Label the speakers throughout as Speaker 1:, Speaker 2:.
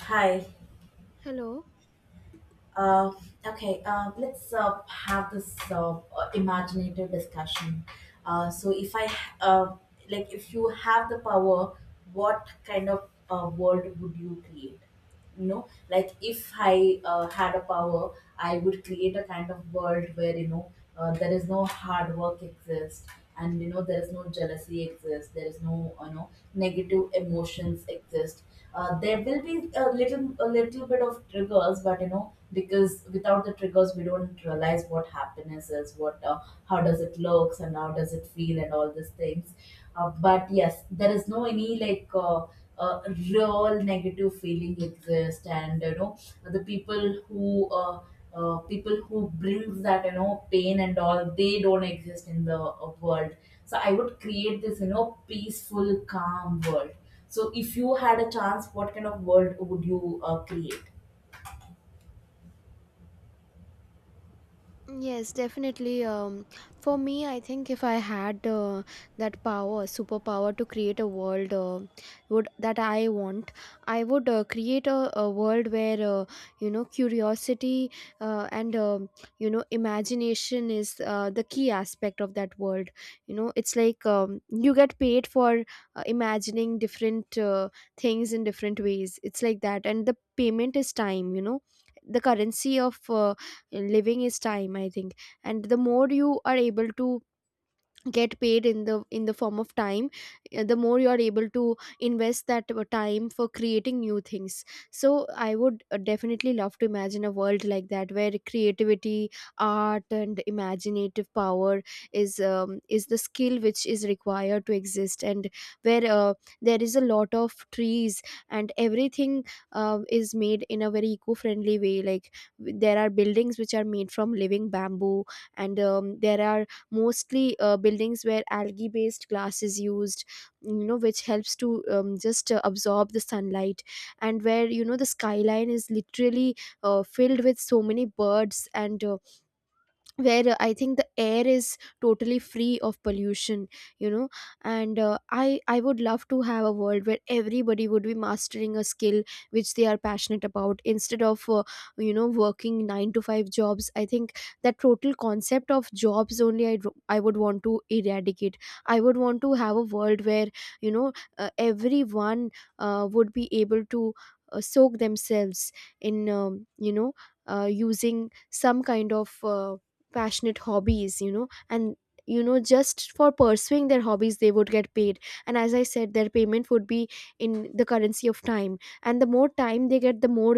Speaker 1: Hi.
Speaker 2: Hello.
Speaker 1: Uh, okay. Let's have this imaginative discussion. So, if I uh, like, if you have the power, what kind of world would you create? Like, if I had a power, I would create a kind of world where, there is no hard work exists, and, you know, there is no jealousy exists, there is no, you know, negative emotions exist. There will be a little bit of triggers, but, you know, because without the triggers we don't realize what happiness is, what, how does it looks and how does it feel and all these things. But yes, there is no any like uh, real negative feeling exist, and, you know, the people who brings that, you know, pain and all, they don't exist in the world. So I would create this, you know, peaceful, calm world. So if you had a chance, what kind of world would you create?
Speaker 2: Yes, definitely. For me, I think if I had that power, superpower to create a world would that I want, I would create a world where curiosity and imagination is the key aspect of that world. You know, it's like you get paid for imagining different things in different ways. It's like that, and the payment is time. You know, the currency of living is time, I think, and the more you are able to get paid in the form of time, the more you are able to invest that time for creating new things. So I would definitely love to imagine a world like that, where creativity, art and imaginative power is the skill which is required to exist, and where there is a lot of trees, and everything is made in a very eco-friendly way. Like there are buildings which are made from living bamboo, and there are mostly buildings where algae based glass is used, you know, which helps to just absorb the sunlight, and where, you know, the skyline is literally filled with so many birds, and where I think the air is totally free of pollution, you know. And I would love to have a world where everybody would be mastering a skill which they are passionate about, instead of working 9 to 5 jobs. I think that total concept of jobs only I would want to eradicate. I would want to have a world where you know everyone would be able to soak themselves in, you know using some kind of passionate hobbies, you know. And you know, just for pursuing their hobbies, they would get paid, and as I said, their payment would be in the currency of time, and the more time they get, the more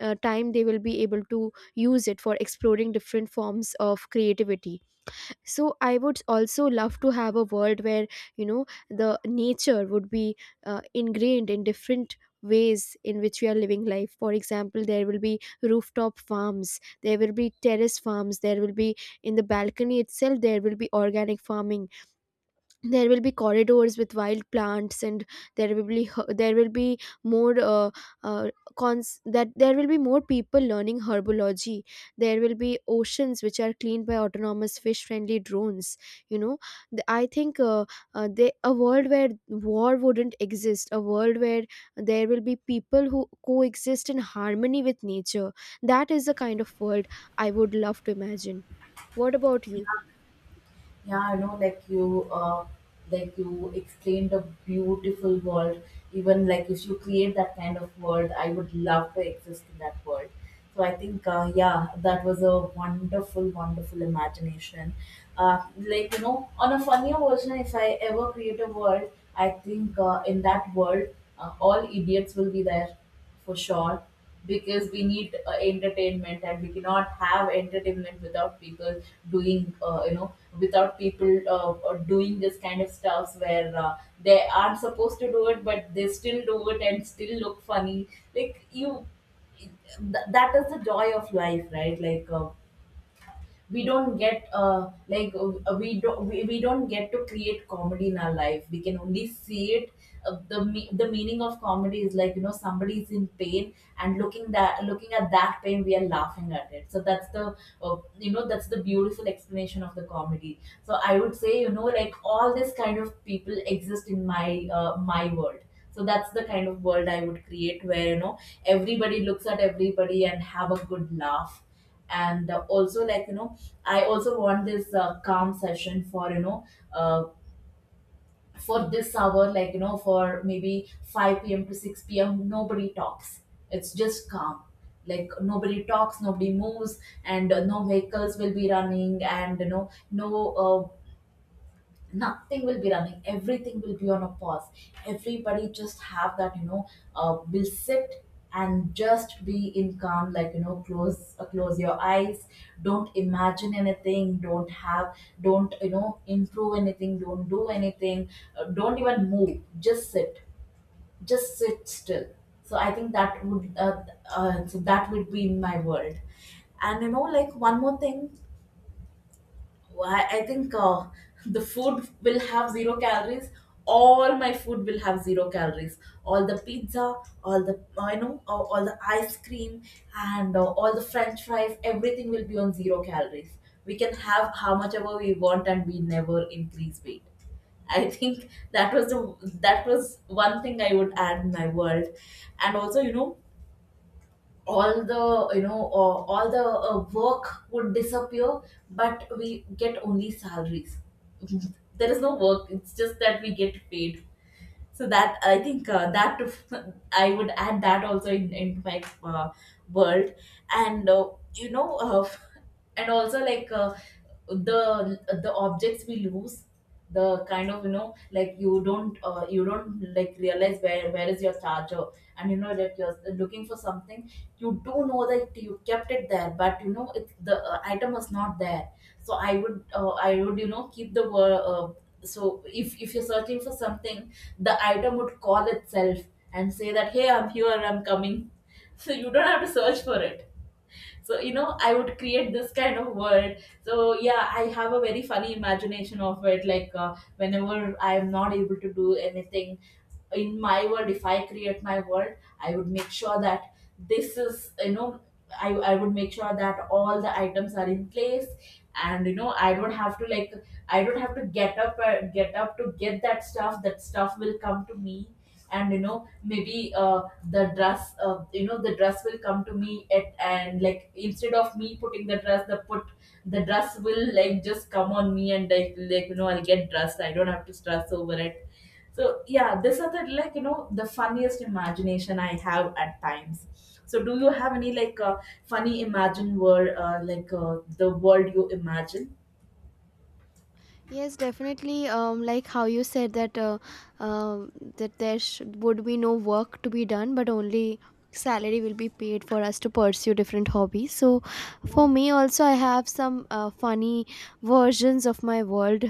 Speaker 2: time they will be able to use it for exploring different forms of creativity. So I would also love to have a world where, you know, the nature would be ingrained in different ways in which we are living life. For example, there will be rooftop farms, there will be terrace farms, there will be, in the balcony itself, there will be organic farming, there will be corridors with wild plants, and there will be there will be more uh, cons that there will be more people learning herbology. There will be oceans which are cleaned by autonomous fish friendly drones, you know. I think a world where war wouldn't exist, a world where there will be people who coexist in harmony with nature. That is the kind of world I would love to imagine. What about you?
Speaker 1: Yeah, I know, like you explained a beautiful world. Even, like, if you create that kind of world, I would love to exist in that world. So I think, yeah, that was a wonderful, wonderful imagination. Like, you know, on a funnier version, if I ever create a world, I think, in that world, all idiots will be there for sure, because we need entertainment, and we cannot have entertainment without people doing you know without people doing this kind of stuffs where they aren't supposed to do it but they still do it and still look funny, like you, that is the joy of life, right? Like, we don't get like we don't get to create comedy in our life, we can only see it. The the meaning of comedy is, like, you know, somebody is in pain, and looking at that pain we are laughing at it, so that's the, you know, that's the beautiful explanation of the comedy. So I would say, you know, like, all this kind of people exist in my world. So that's the kind of world I would create, where, you know, everybody looks at everybody and have a good laugh. And also, like, you know, I also want this calm session for, you know, uh, for this hour, like, you know, for maybe 5 p.m. to 6 p.m., nobody talks. It's just calm. Like, nobody talks, nobody moves. And no vehicles will be running, and, you know, uh, nothing will be running, everything will be on a pause. Everybody just have that, you know, will sit and just be in calm. Like, you know, close your eyes, don't imagine anything, don't, you know, improve anything, don't do anything, don't even move, just sit, just sit still. So i think that would uh, uh, so that would be in my world. And, you know, like, one more thing. Well, I think the food will have zero calories. All my food will have zero calories. All the pizza, all the, I know, all the ice cream, and all the French fries. Everything will be on zero calories. We can have how much ever we want, and we never increase weight. I think that was the, that was one thing I would add in my world, and also, you know, all the work would disappear, but we get only salaries. There is no work, it's just that we get paid. So that, I would add that also, into my world. And, you know, and also, like, the objects we lose, the kind of, you know, like, you don't, like, realize where is your charger. And, you know, that you're looking for something, you do know that you kept it there, but, you know, it, the item was not there. So I would, you know, keep the word, so if you're searching for something, the item would call itself and say that, hey, I'm here, I'm coming. So you don't have to search for it. So, you know, I would create this kind of world. So yeah, I have a very funny imagination of it, like, whenever I am not able to do anything in my world, if I create my world, I would make sure that this is, you know, I would make sure that all the items are in place, and, you know, I don't have to, get up to get that stuff, that stuff will come to me. And, you know, maybe, the dress will come to me, at, and, like, instead of me putting the dress, the dress will, like, just come on me, and like, you know, I'll get dressed, I don't have to stress over it. So yeah, this are the, like, you know, the funniest imagination I have at times. So, do you have any, like, funny imagine world, like, the world you imagine?
Speaker 2: Yes, definitely. Like how you said that um that there would be no work to be done, but only salary will be paid for us to pursue different hobbies. So, for me also, I have some funny versions of my world.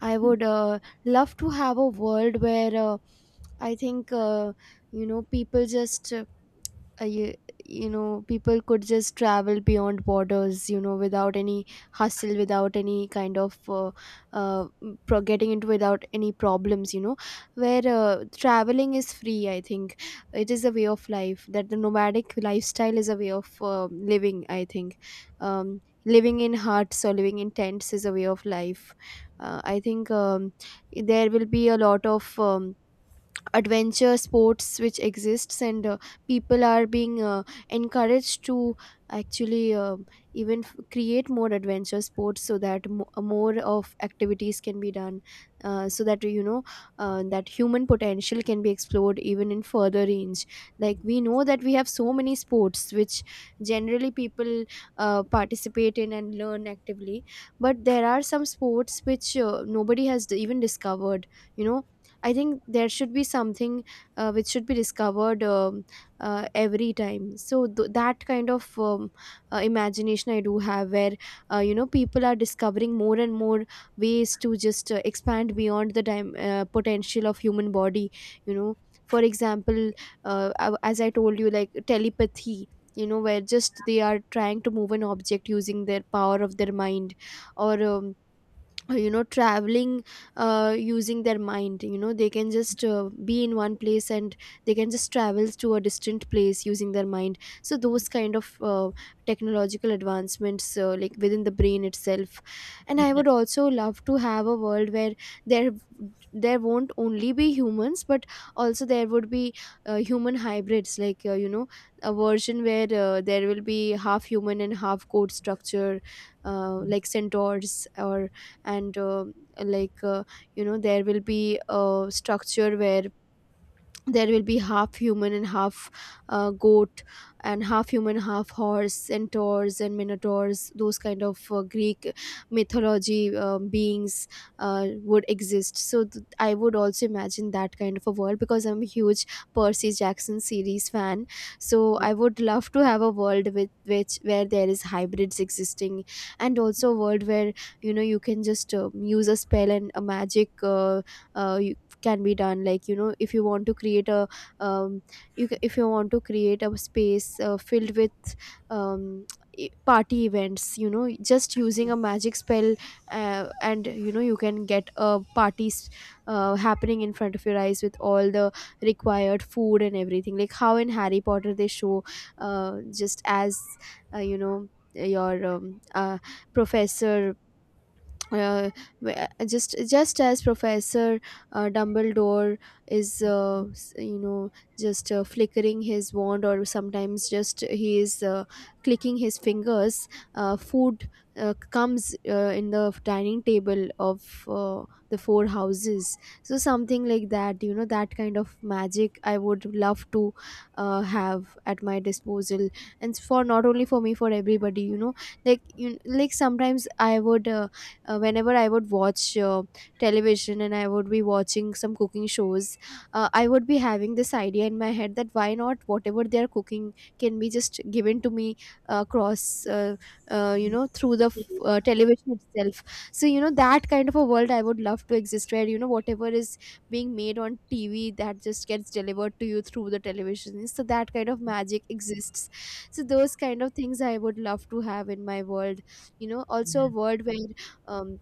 Speaker 2: I would love to have a world where I think people just uh, you, people could just travel beyond borders, you know, without any hustle, without any kind of uh, getting into, without any problems, you know, where traveling is free. I think it is a way of life. That the nomadic lifestyle is a way of living, I think. Living in huts or living in tents is a way of life. I think there will be a lot of adventure sports which exists, and people are being encouraged to actually even create more adventure sports, so that more of activities can be done, so that, you know, that human potential can be explored even in further range. Like we know that we have so many sports which generally people participate in and learn actively, but there are some sports which nobody has even discovered, you know. I think there should be something which should be discovered, every time. So that kind of imagination I do have, where you know people are discovering more and more ways to just expand beyond the time potential of human body. You know, for example, as I told you, like telepathy. You know, where just they are trying to move an object using their power of their mind, or you know, traveling using their mind. You know, they can just be in one place, and they can just travel to a distant place using their mind. So those kind of technological advancements, like within the brain itself. And I would also love to have a world where there there won't only be humans, but also there would be human hybrids, like, a version where there will be half human and half code structure, like centaurs. Or and like you know, there will be a structure where there will be half human and half goat, and half human half horse, centaurs and minotaurs, those kind of greek mythology beings would exist. So I would also imagine that kind of a world, because I'm a huge Percy Jackson series fan. So I would love to have a world with which where there is hybrids existing. And also a world where, you know, you can just use a spell, and a magic uh, can be done. Like, you know, if you want to create a um, if you want to create a space filled with um, party events, you know, just using a magic spell, and you know, you can get a parties happening in front of your eyes with all the required food and everything. Like how in Harry Potter they show, just as, you know your uh, professor uh, wh- just as professor Dumbledore is you know, just flickering his wand, or sometimes just he is clicking his fingers, food comes in the dining table of uh, the four houses. So something like that, you know. That kind of magic I would love to have at my disposal, and for not only for me, for everybody, you know. Like you, like sometimes I would, whenever I would watch television and I would be watching some cooking shows, I would be having this idea in my head, that why not whatever they are cooking can be just given to me, across you know, through the television itself. So you know, that kind of a world I would love to exist where, you know, whatever is being made on TV, that just gets delivered to you through the television. So that kind of magic exists. So those kind of things I would love to have in my world. You know, also a world where, um,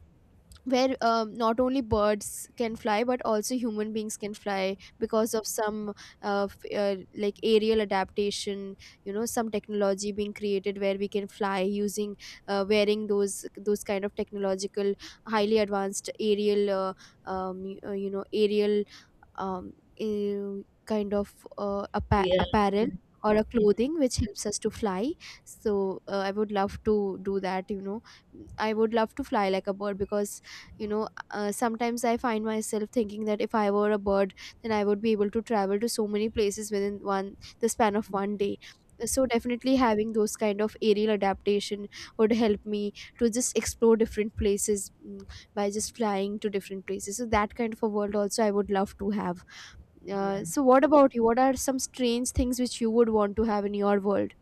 Speaker 2: not only birds can fly, but also human beings can fly, because of some, like aerial adaptation, you know, some technology being created where we can fly using, wearing those kind of technological, highly advanced aerial, you know, aerial, um, kind of
Speaker 1: Yeah,
Speaker 2: apparel, or a
Speaker 1: yeah,
Speaker 2: clothing which helps us to fly. So I would love to do that, you know. I would love to fly like a bird, because, you know, sometimes I find myself thinking that if I were a bird, then I would be able to travel to so many places within one the span of 1 day. So definitely having those kind of aerial adaptation would help me to just explore different places, mm, by just flying to different places. So that kind of a world also I would love to have.
Speaker 1: yeah.
Speaker 2: So what about you? What are some strange things which you would want to have in your world?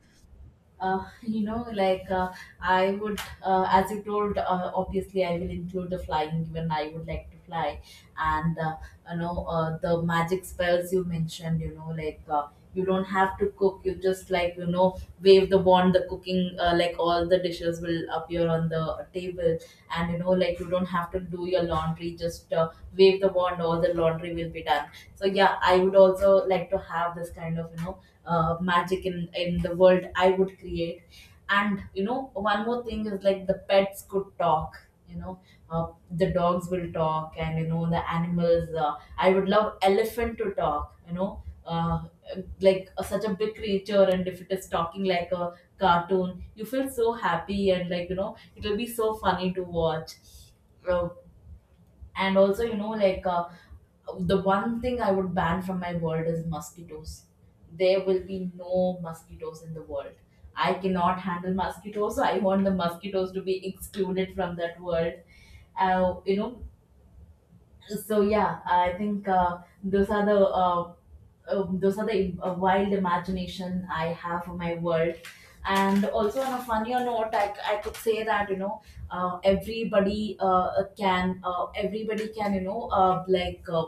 Speaker 1: You know, like, I would, as you told, obviously I will include the flying. Even I would like to fly, and, you know, the magic spells you mentioned. You know, like, you don't have to cook. You just, like, you know, wave the wand. The cooking, like, all the dishes will appear on the table, and, you know, like, you don't have to do your laundry. Just wave the wand, all the laundry will be done. So yeah, I would also like to have this kind of, you know, magic in the world I would create. And, you know, one more thing is, like, the pets could talk, you know, the dogs will talk, and, you know, the animals, I would love elephant to talk, you know, like, such a big creature, and if it is talking like a cartoon, you feel so happy, and, like, you know, it'll be so funny to watch. Uh, and also, you know, like, the one thing I would ban from my world is mosquitoes. There will be no mosquitoes in the world. I cannot handle mosquitoes, so I want the mosquitoes to be excluded from that world. You know, so yeah, I think, those are the wild imagination I have for my world. And also, on a funnier note, I could say that, you know, everybody can, you know, like,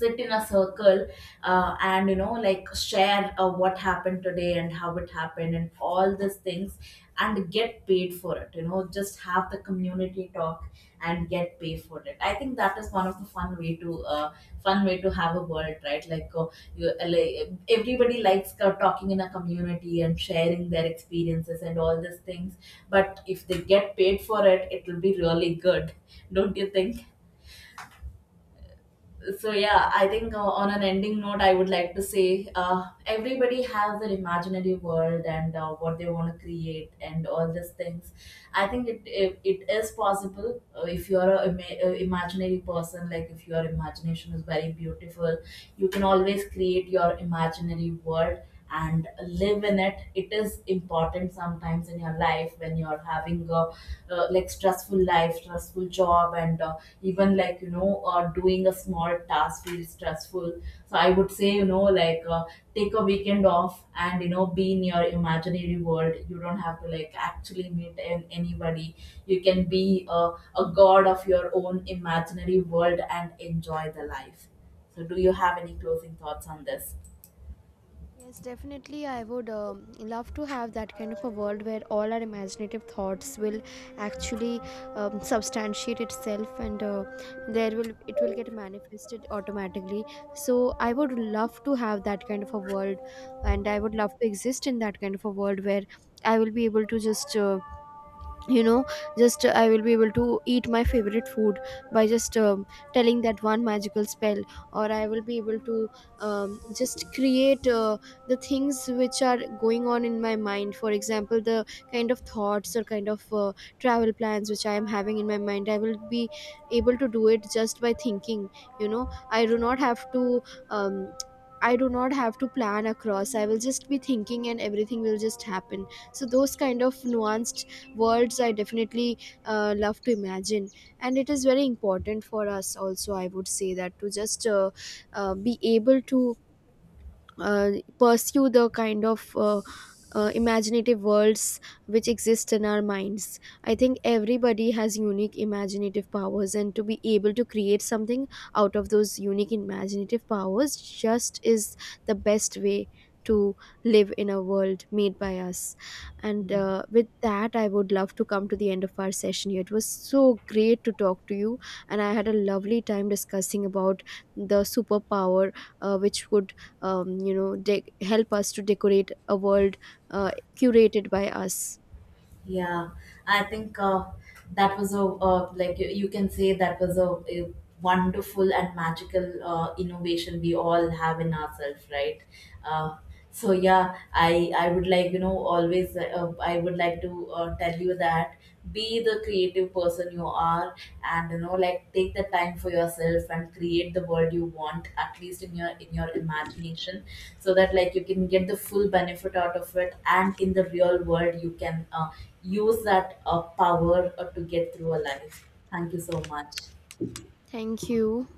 Speaker 1: sit in a circle, and, you know, like, share, what happened today and how it happened and all these things, and get paid for it, you know, just have the community talk and get paid for it. I think that is one of the fun way to, fun way to have a world, right? Like, like, everybody likes talking in a community and sharing their experiences and all these things, but if they get paid for it, it will be really good. Don't you think? So yeah, I think, on an ending note, I would like to say, everybody has their imaginary world, and, what they want to create, and all these things. I think it is possible, if you are a, imaginary person, like, if your imagination is very beautiful, you can always create your imaginary world, and live in it. It is important sometimes in your life, when you're having a like stressful life, stressful job, and, even, like, you know, doing a small task feels stressful. So I would say, you know, like, take a weekend off and, you know, be in your imaginary world. You don't have to, like, actually meet anybody. You can be, a god of your own imaginary world, and enjoy the life. So, do you have any closing thoughts on this?
Speaker 2: Yes, definitely. I would love to have that kind of a world where all our imaginative thoughts will actually substantiate itself, and there will, it will get manifested automatically. So I would love to have that kind of a world, and I would love to exist in that kind of a world where I will be able to just, you know I will be able to eat my favorite food by just telling that one magical spell. Or I will be able to just create the things which are going on in my mind. For example, the kind of thoughts or kind of travel plans which I am having in my mind, I will be able to do it just by thinking. You know, I do not have to um, I do not have to plan across. I will just be thinking, and everything will just happen. So, those kind of nuanced worlds I definitely love to imagine. And it is very important for us also, I would say, that to just be able to uh, pursue the kind of imaginative worlds which exist in our minds. I think everybody has unique imaginative powers, and to be able to create something out of those unique imaginative powers just is the best way to live in a world made by us. And with that, I would love to come to the end of our session here. It was so great to talk to you, and I had a lovely time discussing about the superpower which would you know help us to decorate a world uh, curated by us.
Speaker 1: Yeah, I think, that was a, like, you can say, that was a wonderful and magical innovation we all have in ourselves, right? Uh, so yeah, I would like, you know, always, I would like to, tell you that, be the creative person you are, and, you know, like, take the time for yourself, and create the world you want, at least in your, in your imagination, so that, like, you can get the full benefit out of it, and in the real world you can, use that power, to get through a life. Thank you so much.
Speaker 2: Thank you.